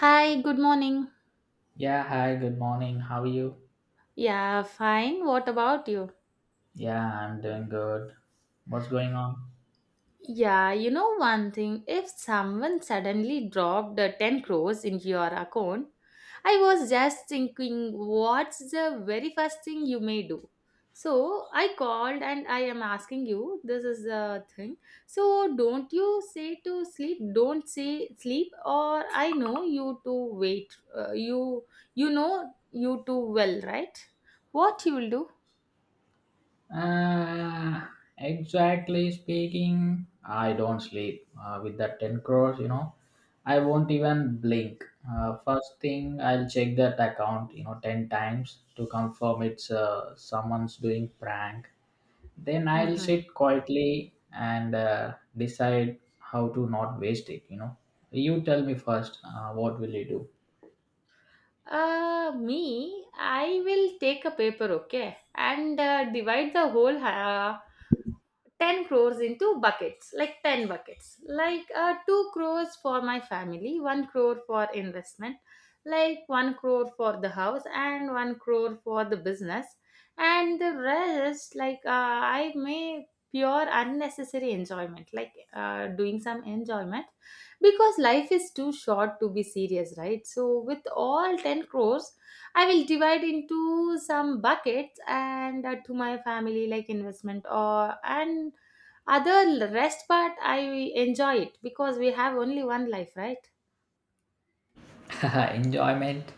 Hi, good morning. Yeah, hi, good morning. How are you? Yeah, fine. What about you? Yeah, I'm doing good. What's going on? Yeah, one thing, if someone suddenly dropped 10 crores into your account, I was just thinking, what's the very first thing you may do? So I called and I am asking you, this is the thing. So don't you say to sleep, don't say sleep, or I know you to wait. You know you too well, right? What you will do? Uh, exactly speaking, I don't sleep. With that 10 crores, you know, I won't even blink. First thing, I'll check that account, you know, 10 times to confirm it's someone's doing prank. Then I'll Mm-hmm. sit quietly and decide how to not waste it, you know. You tell me first, what will you do? Me, I will take a paper, okay, and divide the whole 10 crores into buckets, like 10 buckets, like 2 crores for my family, 1 crore for investment, like 1 crore for the house, and 1 crore for the business, and the rest, like I may pure unnecessary enjoyment, like doing some enjoyment because life is too short to be serious, right? So with all 10 crores I will divide into some buckets and to my family like investment or and other rest part I enjoy it because we have only one life, right? Enjoyment,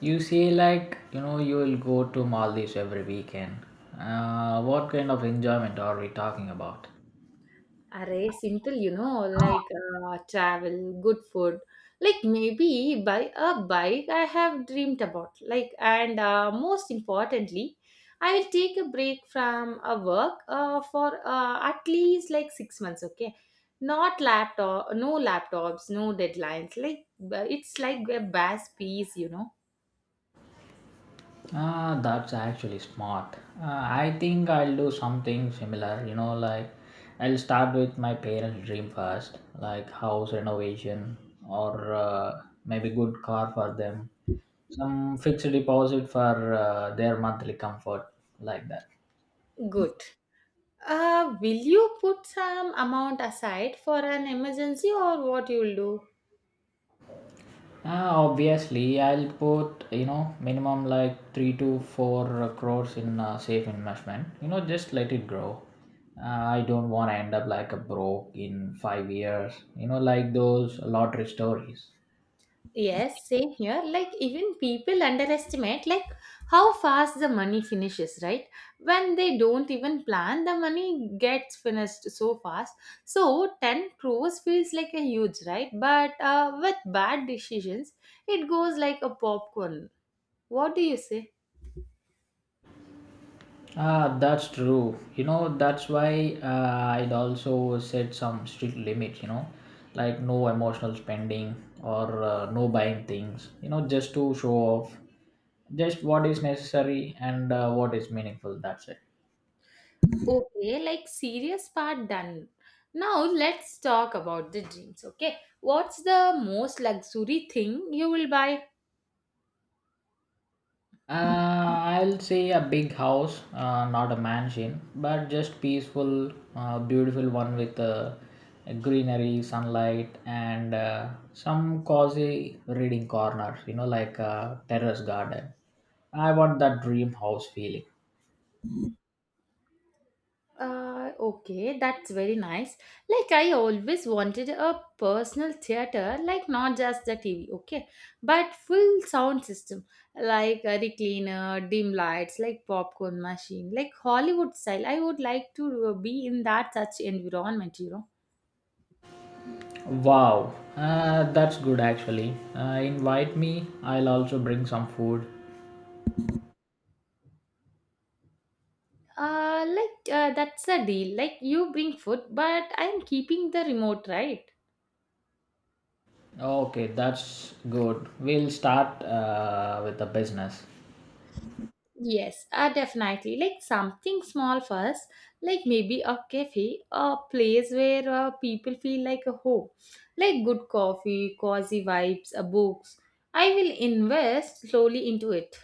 you say? You will go to Maldives every weekend? What kind of enjoyment are we talking about? Array, simple, you know, like travel, good food. Like maybe buy a bike I have dreamed about. Like, and most importantly, I will take a break from a work for at least like 6 months, okay? Not laptop, no laptops, no deadlines. Like, it's like a bass piece, you know? Ah, that's actually smart. I think I'll do something similar, you know, like I'll start with my parent's dream first, like house renovation or maybe good car for them, some fixed deposit for their monthly comfort, like that. Good. Will you put some amount aside for an emergency or what you'll do? Ah, obviously, I'll put, you know, minimum like 3 to 4 crores in safe investment. You know, just let it grow. I don't want to end up like a broke in 5 years. You know, like those lottery stories. Yes, same here. Like even people underestimate like how fast the money finishes, right? When they don't even plan, the money gets finished so fast. So 10 crores feels like a huge, right? But with bad decisions, it goes like a popcorn. What do you say? Ah, that's true. You know, that's why I'd also set some strict limits. You know, like no emotional spending or no buying things, you know, just to show off. Just what is necessary and what is meaningful. That's it. Okay, like serious part done. Now let's talk about the dreams, okay? What's the most luxury thing you will buy? Uh, I'll say a big house, not a mansion, but just peaceful, beautiful one with greenery, sunlight, and some cozy reading corners, you know, like a terrace garden. I want that dream house feeling. Okay, that's very nice. Like I always wanted a personal theater, like not just the TV, okay, but full sound system, like a recliner, dim lights, like popcorn machine, like Hollywood style. I would like to be in that such environment, you know. Wow, that's good actually. Invite me, I'll also bring some food. That's a deal. Like you bring food, but I'm keeping the remote, right? Okay, that's good. We'll start with the business. Yes, definitely. Like something small first, like maybe a cafe, a place where people feel like a home, like good coffee, cozy vibes, books. I will invest slowly into it.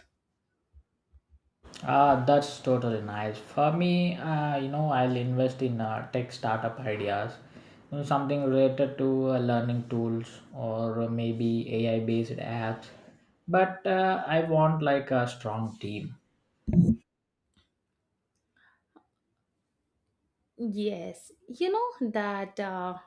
Ah, that's totally nice. For me, I'll invest in tech startup ideas, you know, something related to learning tools or maybe AI-based apps. But I want like a strong team. Yes,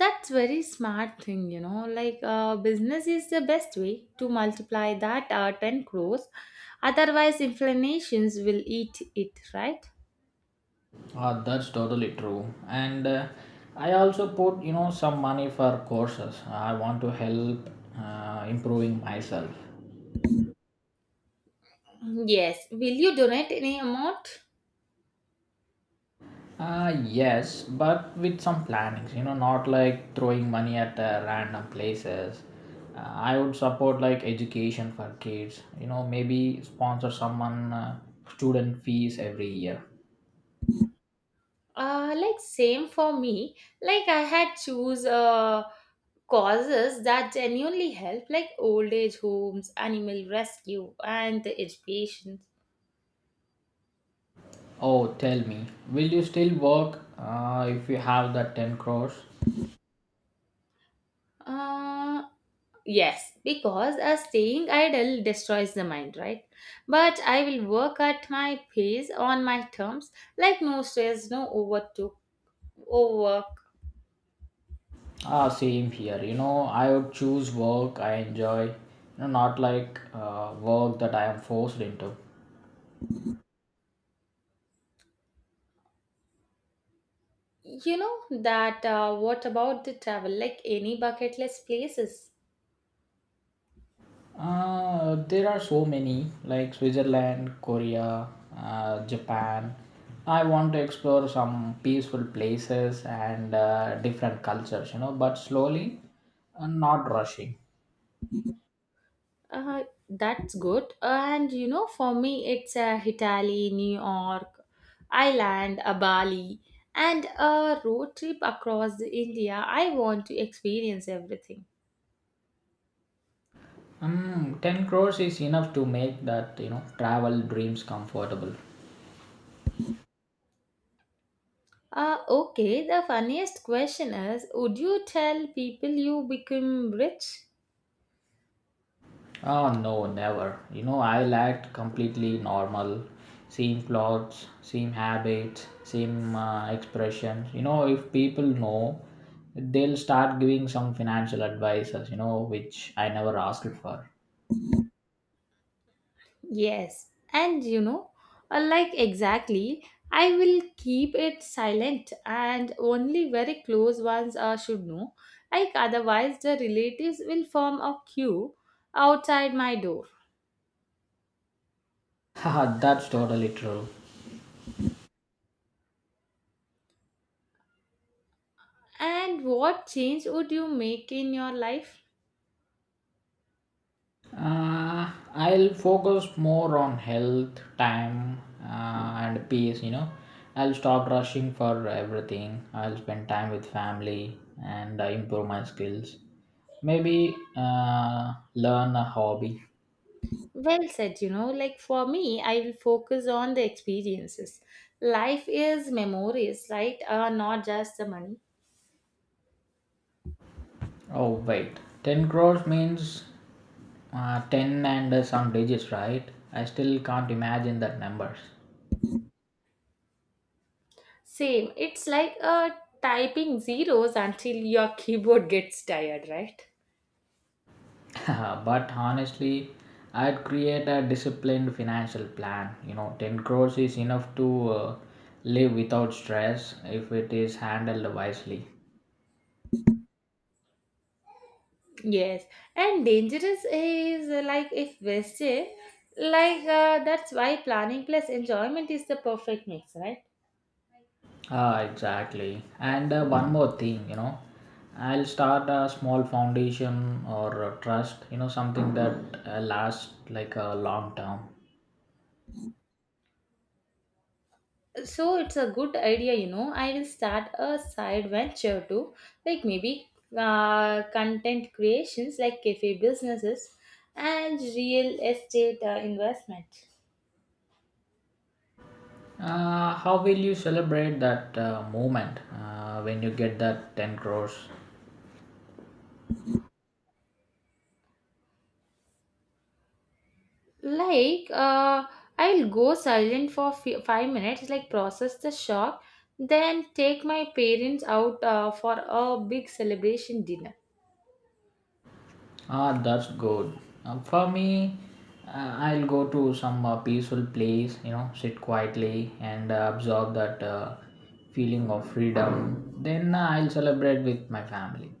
that's very smart thing. You know, like business is the best way to multiply that 10 crores. Otherwise, inflations will eat it, right? Ah, that's totally true. And I also put, you know, some money for courses. I want to help improving myself. Yes. Will you donate any amount? Yes, but with some plannings, you know, not like throwing money at random places. I would support like education for kids, you know, maybe sponsor someone student fees every year. Like same for me. Like I had choose causes that genuinely help, like old age homes, animal rescue, and the education. Oh, tell me, will you still work if you have that 10 crores? Uh, yes, because a staying idle destroys the mind, right? But I will work at my pace on my terms, like no stress, no overtook, overwork. Ah, same here, you know, I would choose work I enjoy, not like work that I am forced into. You know that. What about the travel? Like any bucket list places? There are so many, like Switzerland, Korea, Japan. I want to explore some peaceful places and different cultures, you know, but slowly and not rushing. That's good. And you know, for me, it's Italy, New York, Ireland, Bali, and a road trip across the India. I want to experience everything. 10 crores is enough to make that, you know, travel dreams comfortable. Okay, the funniest question is, would you tell people you become rich? Oh no, never. You know, I lacked completely normal. Same clothes, same habits, same expressions. You know, if people know, they'll start giving some financial advices, you know, which I never asked for. Yes, and exactly, I will keep it silent and only very close ones should know. Like, otherwise, the relatives will form a queue outside my door. Haha, that's totally true. And what change would you make in your life? I'll focus more on health, time, and peace. You know, I'll stop rushing for everything. I'll spend time with family and improve my skills. Maybe learn a hobby. Well said, you know, like for me, I will focus on the experiences. Life is memories, right? Not just the money. Oh wait, 10 crores means 10 and some digits, right? I still can't imagine that numbers. Same. It's like typing zeros until your keyboard gets tired, right? But honestly, I'd create a disciplined financial plan. You know, 10 crores is enough to live without stress if it is handled wisely. Yes, and dangerous is like if wasted, that's why planning plus enjoyment is the perfect mix, right? Ah, exactly. And one more thing, you know, I'll start a small foundation or a trust, you know, something that lasts like a long term. So it's a good idea, you know. I will start a side venture too, like maybe content creations, like cafe businesses, and real estate investment. How will you celebrate that moment when you get that 10 crores? Like I'll go silent for 5 minutes, like process the shock, then take my parents out for a big celebration dinner. Ah, that's good. For me, I'll go to some peaceful place, you know, sit quietly and absorb that feeling of freedom. Then I'll celebrate with my family.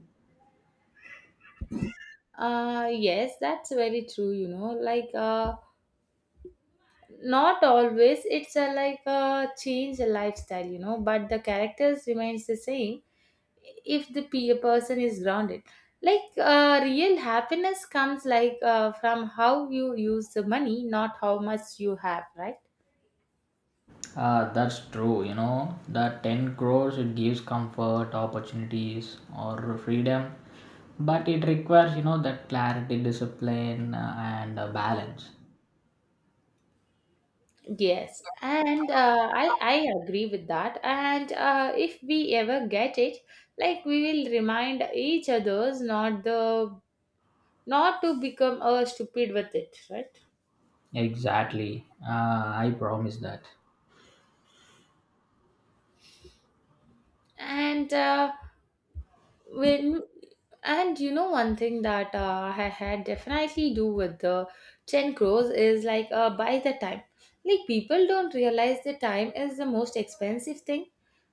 yes, that's very true, you know, not always it's a like a change the lifestyle, you know, but the characters remains the same if the person is grounded. Real happiness comes from how you use the money, not how much you have, right? Ah, that's true, you know, that 10 crores, it gives comfort, opportunities, or freedom, but it requires, you know, that clarity, discipline, and balance. Yes, and uh, I agree with that. And if we ever get it, like we will remind each others not to become stupid with it, right? Exactly. Ah, I promise that. And uh, when and you know one thing that I had definitely do with the 10 crores is like buy the time. Like people don't realize the time is the most expensive thing.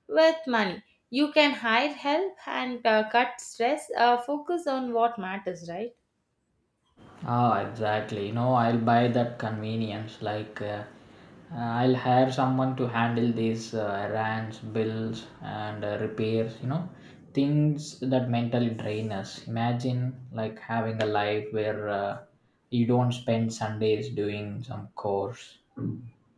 With money you can hire help and cut stress, focus on what matters, right? Oh, exactly. You know, I'll buy that convenience. I'll hire someone to handle these errands, bills, and repairs. You know, things that mentally drain us. Imagine like having a life where you don't spend Sundays doing some chores.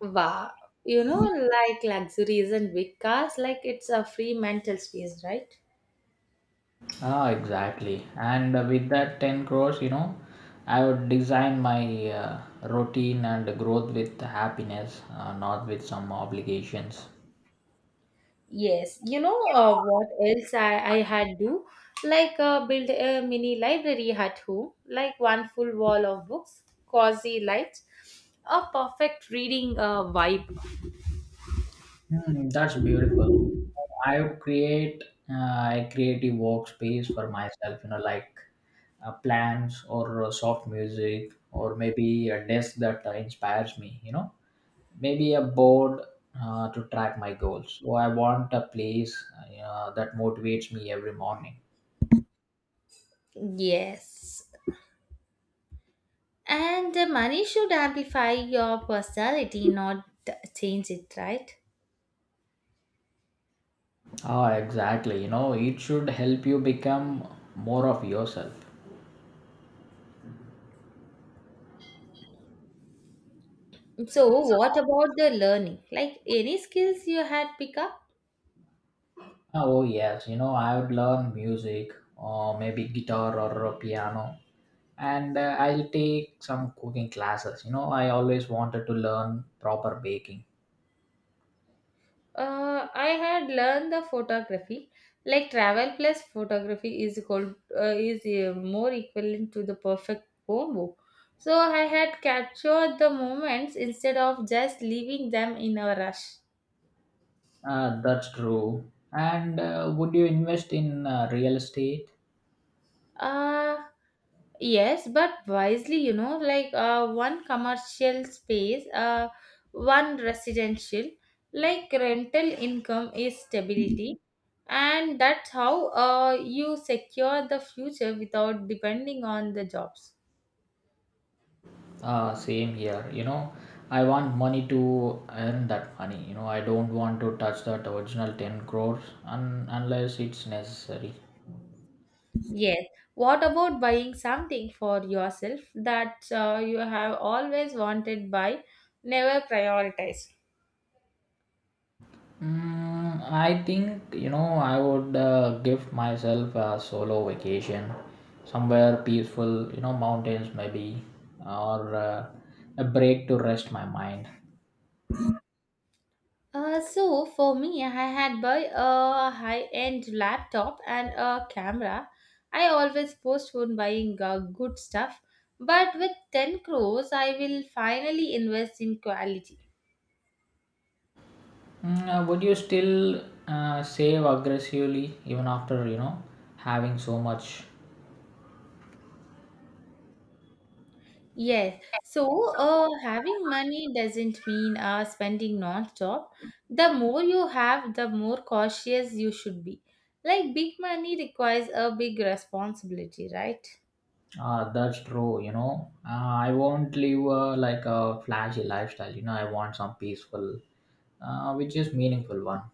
Wow, you know, like luxury isn't big cars, like it's a free mental space, right? Ah, exactly. And with that 10 crores, you know, I would design my routine and growth with happiness, not with some obligations. Yes, you know uh, what else I had do? Like build a mini library at home, like one full wall of books, cozy lights, a perfect reading vibe. Hmm, that's beautiful. I would create uh, a creative workspace for myself, you know, like plants or soft music, or maybe a desk that inspires me, you know, maybe a board to track my goals. So I want a place that motivates me every morning. Yes, and money should amplify your personality, not change it, right? Oh, exactly. You know, it should help you become more of yourself. So, what about the learning? Like any skills you had pick up? Oh, yes. You know, I would learn music or maybe guitar or piano, and I'll take some cooking classes. You know, I always wanted to learn proper baking. I had learned the photography, like travel plus photography is called is more equivalent to the perfect combo. So I had captured the moments instead of just leaving them in a rush. That's true. And would you invest in real estate? Uh, yes, but wisely, you know, like one commercial space, one residential, like rental income is stability. And that's how you secure the future without depending on the jobs. Same here. You know, I want money to earn that money. You know, I don't want to touch that original 10 crores unless it's necessary. Yes. What about buying something for yourself that you have always wanted by, never prioritized? Mm, I think, you know, I would give myself a solo vacation somewhere peaceful, you know, mountains maybe, or a break to rest my mind. So for me, I had buy a high-end laptop and a camera. I always postpone buying good stuff, but with 10 crores, I will finally invest in quality. Would you still save aggressively even after, you know, having so much? Yes. So, having money doesn't mean spending non-stop. The more you have, the more cautious you should be. Like big money requires a big responsibility, right? That's true, you know. I won't live like a flashy lifestyle, you know. I want some peaceful, which is meaningful one.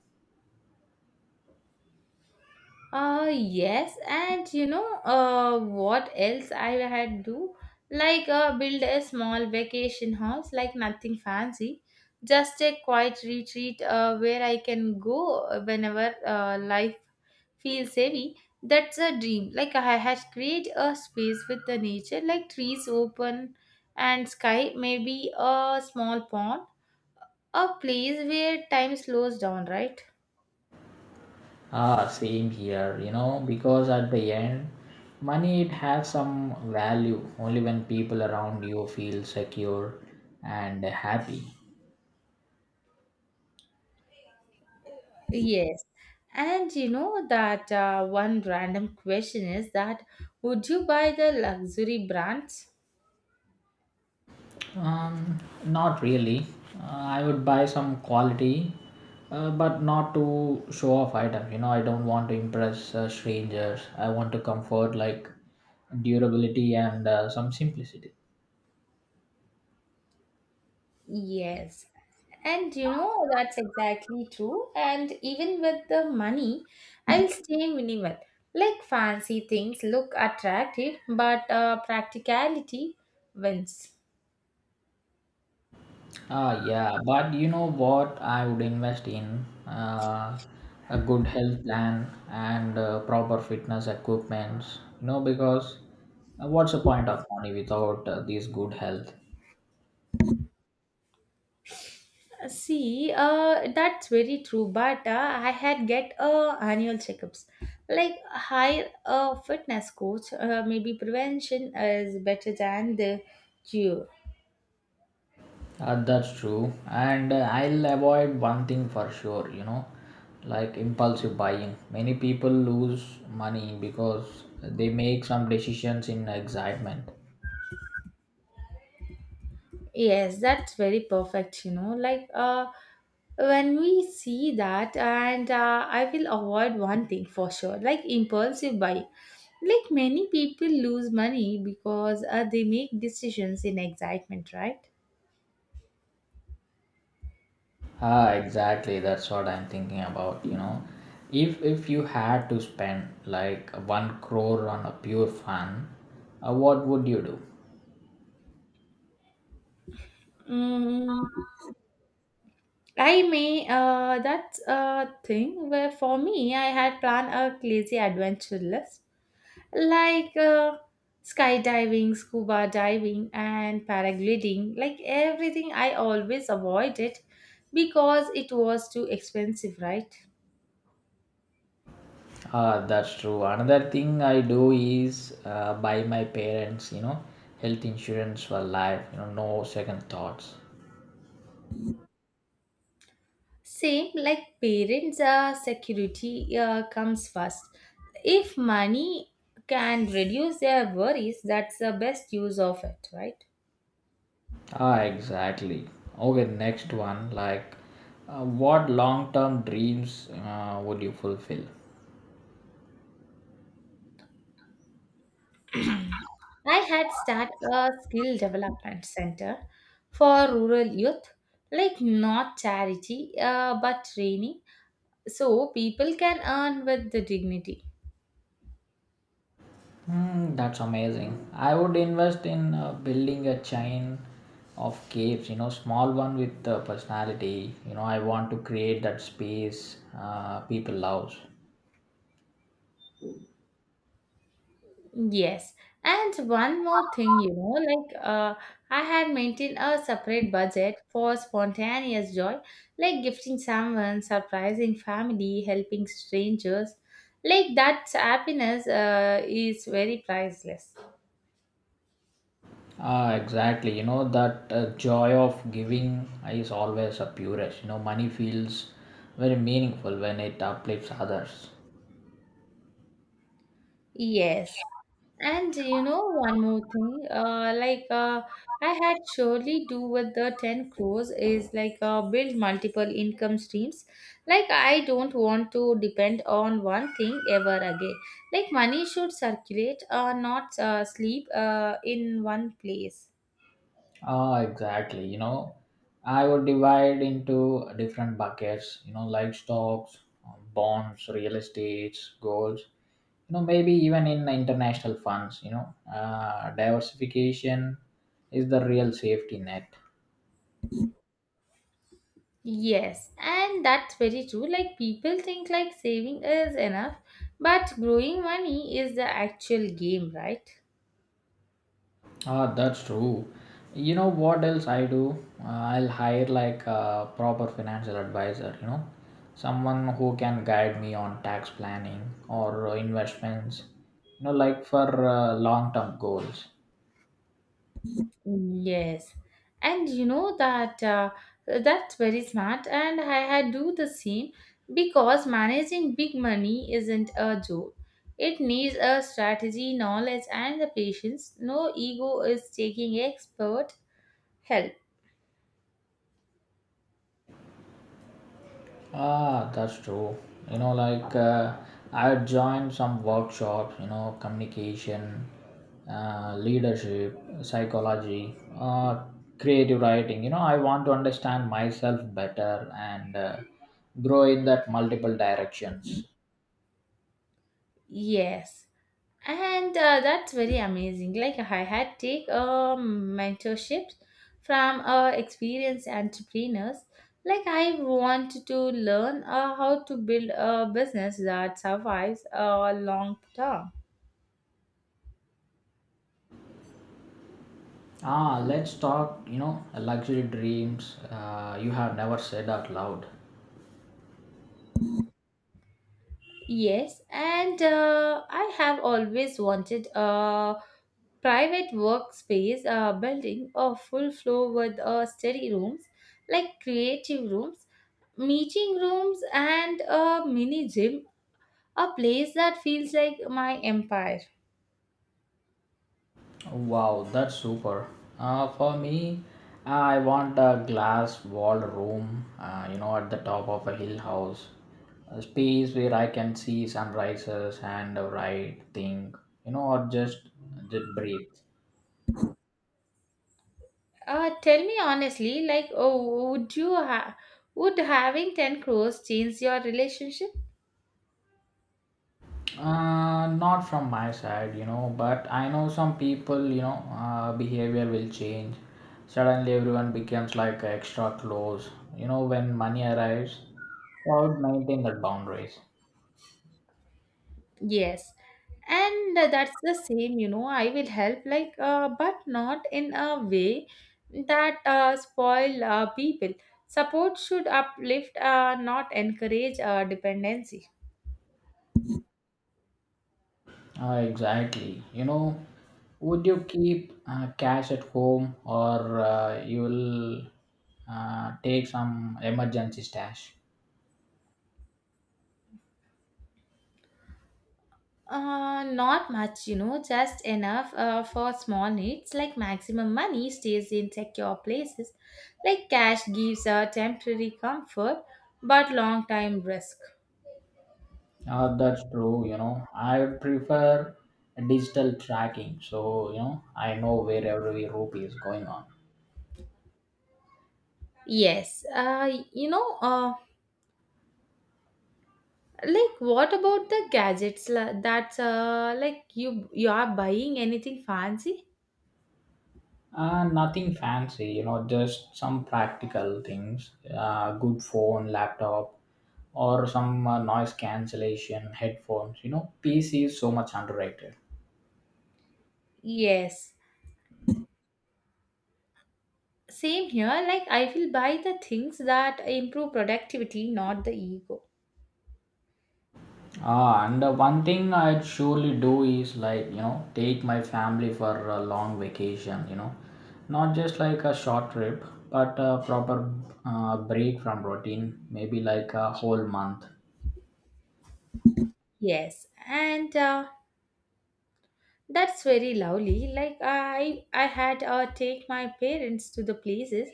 Yes, and you know what else I had do? Like build a small vacation house, like nothing fancy, just a quiet retreat where I can go whenever life feels heavy. That's a dream. Like I had create a space with the nature, like trees open and sky, maybe a small pond, a place where time slows down, right? Ah, same here, you know, because at the end, money it has some value only when people around you feel secure and happy. Yes. And you know that one random question is that, would you buy the luxury brands? Um, Not really. I would buy some quality, but not to show off item. You know, I don't want to impress strangers. I want to comfort like durability and some simplicity. Yes. And you know that's exactly true. And even with the money, I will stay minimal. Like fancy things look attractive, but practicality wins. Ah, yeah, but you know what? I would invest in a good health plan and proper fitness equipments. You know, because what's the point of money without this good health? See, that's very true. But I had get annual checkups, like hire a fitness coach. Maybe prevention is better than the cure. That's true, and I'll avoid one thing for sure. You know, like impulsive buying. Many people lose money because they make some decisions in excitement. Yes, that's very perfect. You know, like when we see that, and I will avoid one thing for sure, like impulsive buy. Like many people lose money because they make decisions in excitement, right? Ah, exactly. That's what I'm thinking about. You know, if you had to spend like 1 crore on a pure fun, what would you do? Mm, I may that's a thing where for me I had planned a crazy adventure list, like skydiving, scuba diving, and paragliding. Like everything, I always avoided because it was too expensive, right? Ah, that's true. Another thing I do is buy my parents, you know, health insurance for life. You know, no second thoughts. Same like parents, security comes first. If money can reduce their worries, that's the best use of it, right? Ah, exactly. Okay, next one. What long-term dreams would you fulfill? I had started a skill development center for rural youth, like not charity but training, so people can earn with the dignity. Hmm, that's amazing. I would invest in building a chain of caves, you know, small one with personality. You know, I want to create that space people loves. Yes, and one more thing, you know, like I had maintained a separate budget for spontaneous joy, like gifting someone, surprising family, helping strangers. Like that happiness is very priceless. Ah, exactly. You know, that joy of giving is always a purest. You know, money feels very meaningful when it uplifts others. Yes. And you know, one more thing, I had surely do with the 10 crores is like build multiple income streams. Like, I don't want to depend on one thing ever again. Like, money should circulate, not sleep in one place. Ah, exactly. You know, I would divide into different buckets, you know, like stocks, bonds, real estates, golds, you know, maybe even in international funds, you know, diversification is the real safety net. Yes, and that's very true. Like people think like saving is enough, but growing money is the actual game, right? Ah, that's true. You know what else I do? I'll hire like a proper financial advisor, you know, someone who can guide me on tax planning or investments, you know, like for long term goals. Yes, and you know that that's very smart, and I had do the same because managing big money isn't a joke. It needs a strategy, knowledge, and the patience. No ego is taking expert help. Ah, that's true. You know, like uh, I had joined some workshops, you know, communication, leadership, psychology, creative writing. You know, I want to understand myself better and grow in that multiple directions. Yes. And that's very amazing. Like I had take a mentorship from experienced entrepreneurs. Like I want to learn how to build a business that survives long term. Ah, let's talk, you know, luxury dreams you have never said out loud. Yes, and I have always wanted a private workspace building a full floor with study rooms, like creative rooms, meeting rooms, and a mini gym. A place that feels like my empire. Wow, that's super. For me, I want a glass walled room, at the top of a hill house. A space where I can see sunrises and write, think, you know, or just, just breathe. Tell me honestly, like, oh, would you would having 10 crores change your relationship? Not from my side, you know, but I know some people, you know, behavior will change. Suddenly, everyone becomes like extra close, you know, when money arrives. So I would maintain that boundaries. Yes. And that's the same, you know, I will help, like, but not in a way that spoil people. Support should uplift, not encourage dependency. Exactly. You know, would you keep cash at home, or you will take some emergency stash? Not much, you know, just enough for small needs, like maximum money stays in secure places, like cash gives a temporary comfort but long time risk. That's true. You know, I prefer digital tracking, so you know I know where every rupee is going on. Yes, what about the gadgets that's uh, like you are buying anything fancy? Nothing fancy, you know, just some practical things. Good phone, laptop, or some noise cancellation headphones. You know, PC is so much underrated. Yes, same here. Like I will buy the things that improve productivity, not the ego. Ah, and one thing I'd surely do is like, you know, take my family for a long vacation, you know, not just like a short trip, but a proper break from routine, maybe like a whole month. Yes, and that's very lovely. Like I had take my parents to the places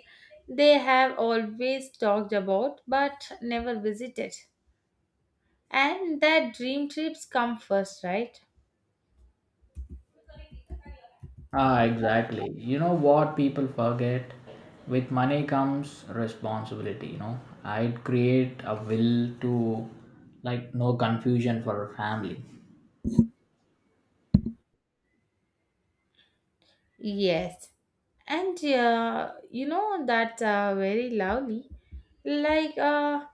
they have always talked about but never visited. And that dream trips come first, right? Ah, exactly. You know what people forget? With money comes responsibility, you know. I'd create a will to like no confusion for family. Yes. And you know that's very lovely. Like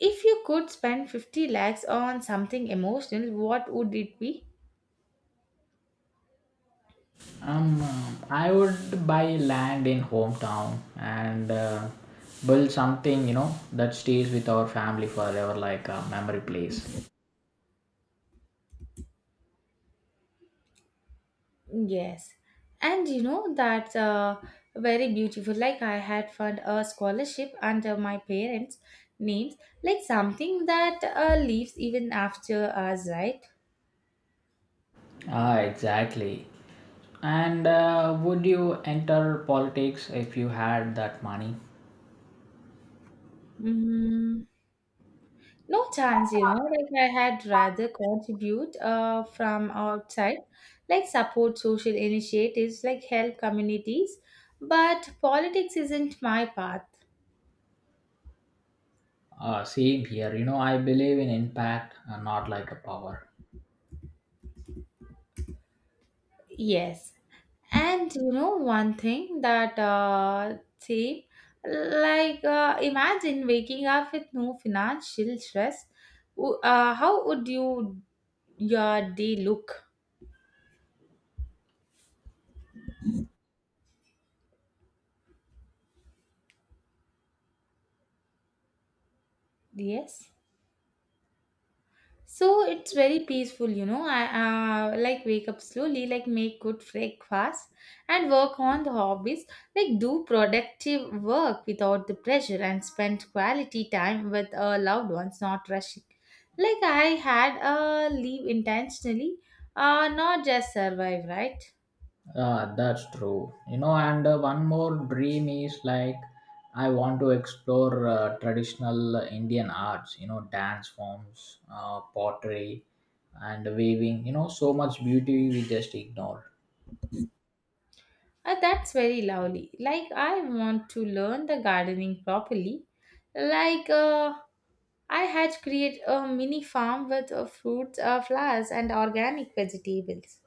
if you could spend 50 lakhs on something emotional, what would it be? Um, I would buy land in hometown and build something, you know, that stays with our family forever, like a memory place. Yes, and you know that's very beautiful. Like I had found a scholarship under my parents' names, like something that lives even after us, right? Ah, exactly. And would you enter politics if you had that money? Mm, no chance, you know. Like I had rather contribute from outside, like support social initiatives, like help communities, but politics isn't my path. Same here. You know, I believe in impact, not like a power. Yes. And you know one thing that see, like imagine waking up with no financial stress. How would you your day look? Yes. So it's very peaceful, you know. I like wake up slowly, like make good breakfast and work on the hobbies, like do productive work without the pressure and spend quality time with loved ones, not rushing. Like I had a leave intentionally, not just survive, right? Ah, that's true. You know, and one more dream is like I want to explore traditional Indian arts, you know, dance forms, pottery, and weaving, you know, so much beauty we just ignore. That's very lovely. Like, I want to learn the gardening properly. Like, I had create a mini farm with fruits, flowers, and organic vegetables.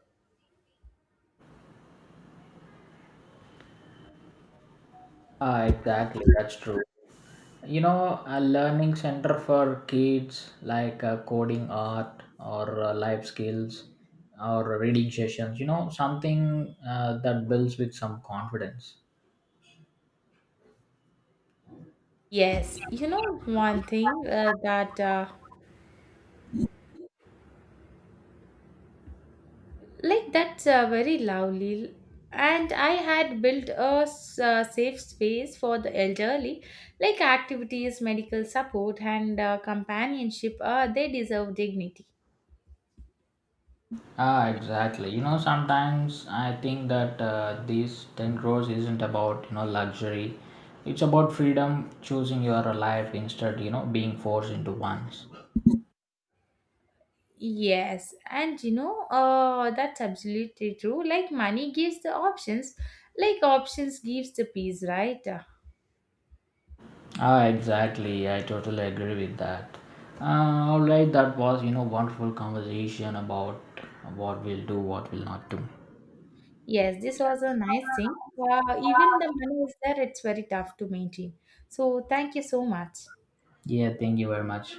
Ah, exactly, that's true. You know, a learning center for kids like coding art or life skills or reading sessions, you know, something that builds with some confidence. Yes, you know one thing that's very lovely, and I had built a safe space for the elderly, like activities, medical support, and companionship. They deserve dignity. Ah, exactly. You know, sometimes I think that these 10 crores isn't about, you know, luxury. It's about freedom, choosing your life instead, you know, being forced into one's. Yes, and you know, that's absolutely true. Like money gives the options, like options gives the peace, right? Ah, exactly. I totally agree with that. All right, that was, you know, wonderful conversation about what we'll do, what we'll not do. yes, this was a nice thing. Wow, even the money is there, it's very tough to maintain. So thank you so much. Yeah, thank you very much.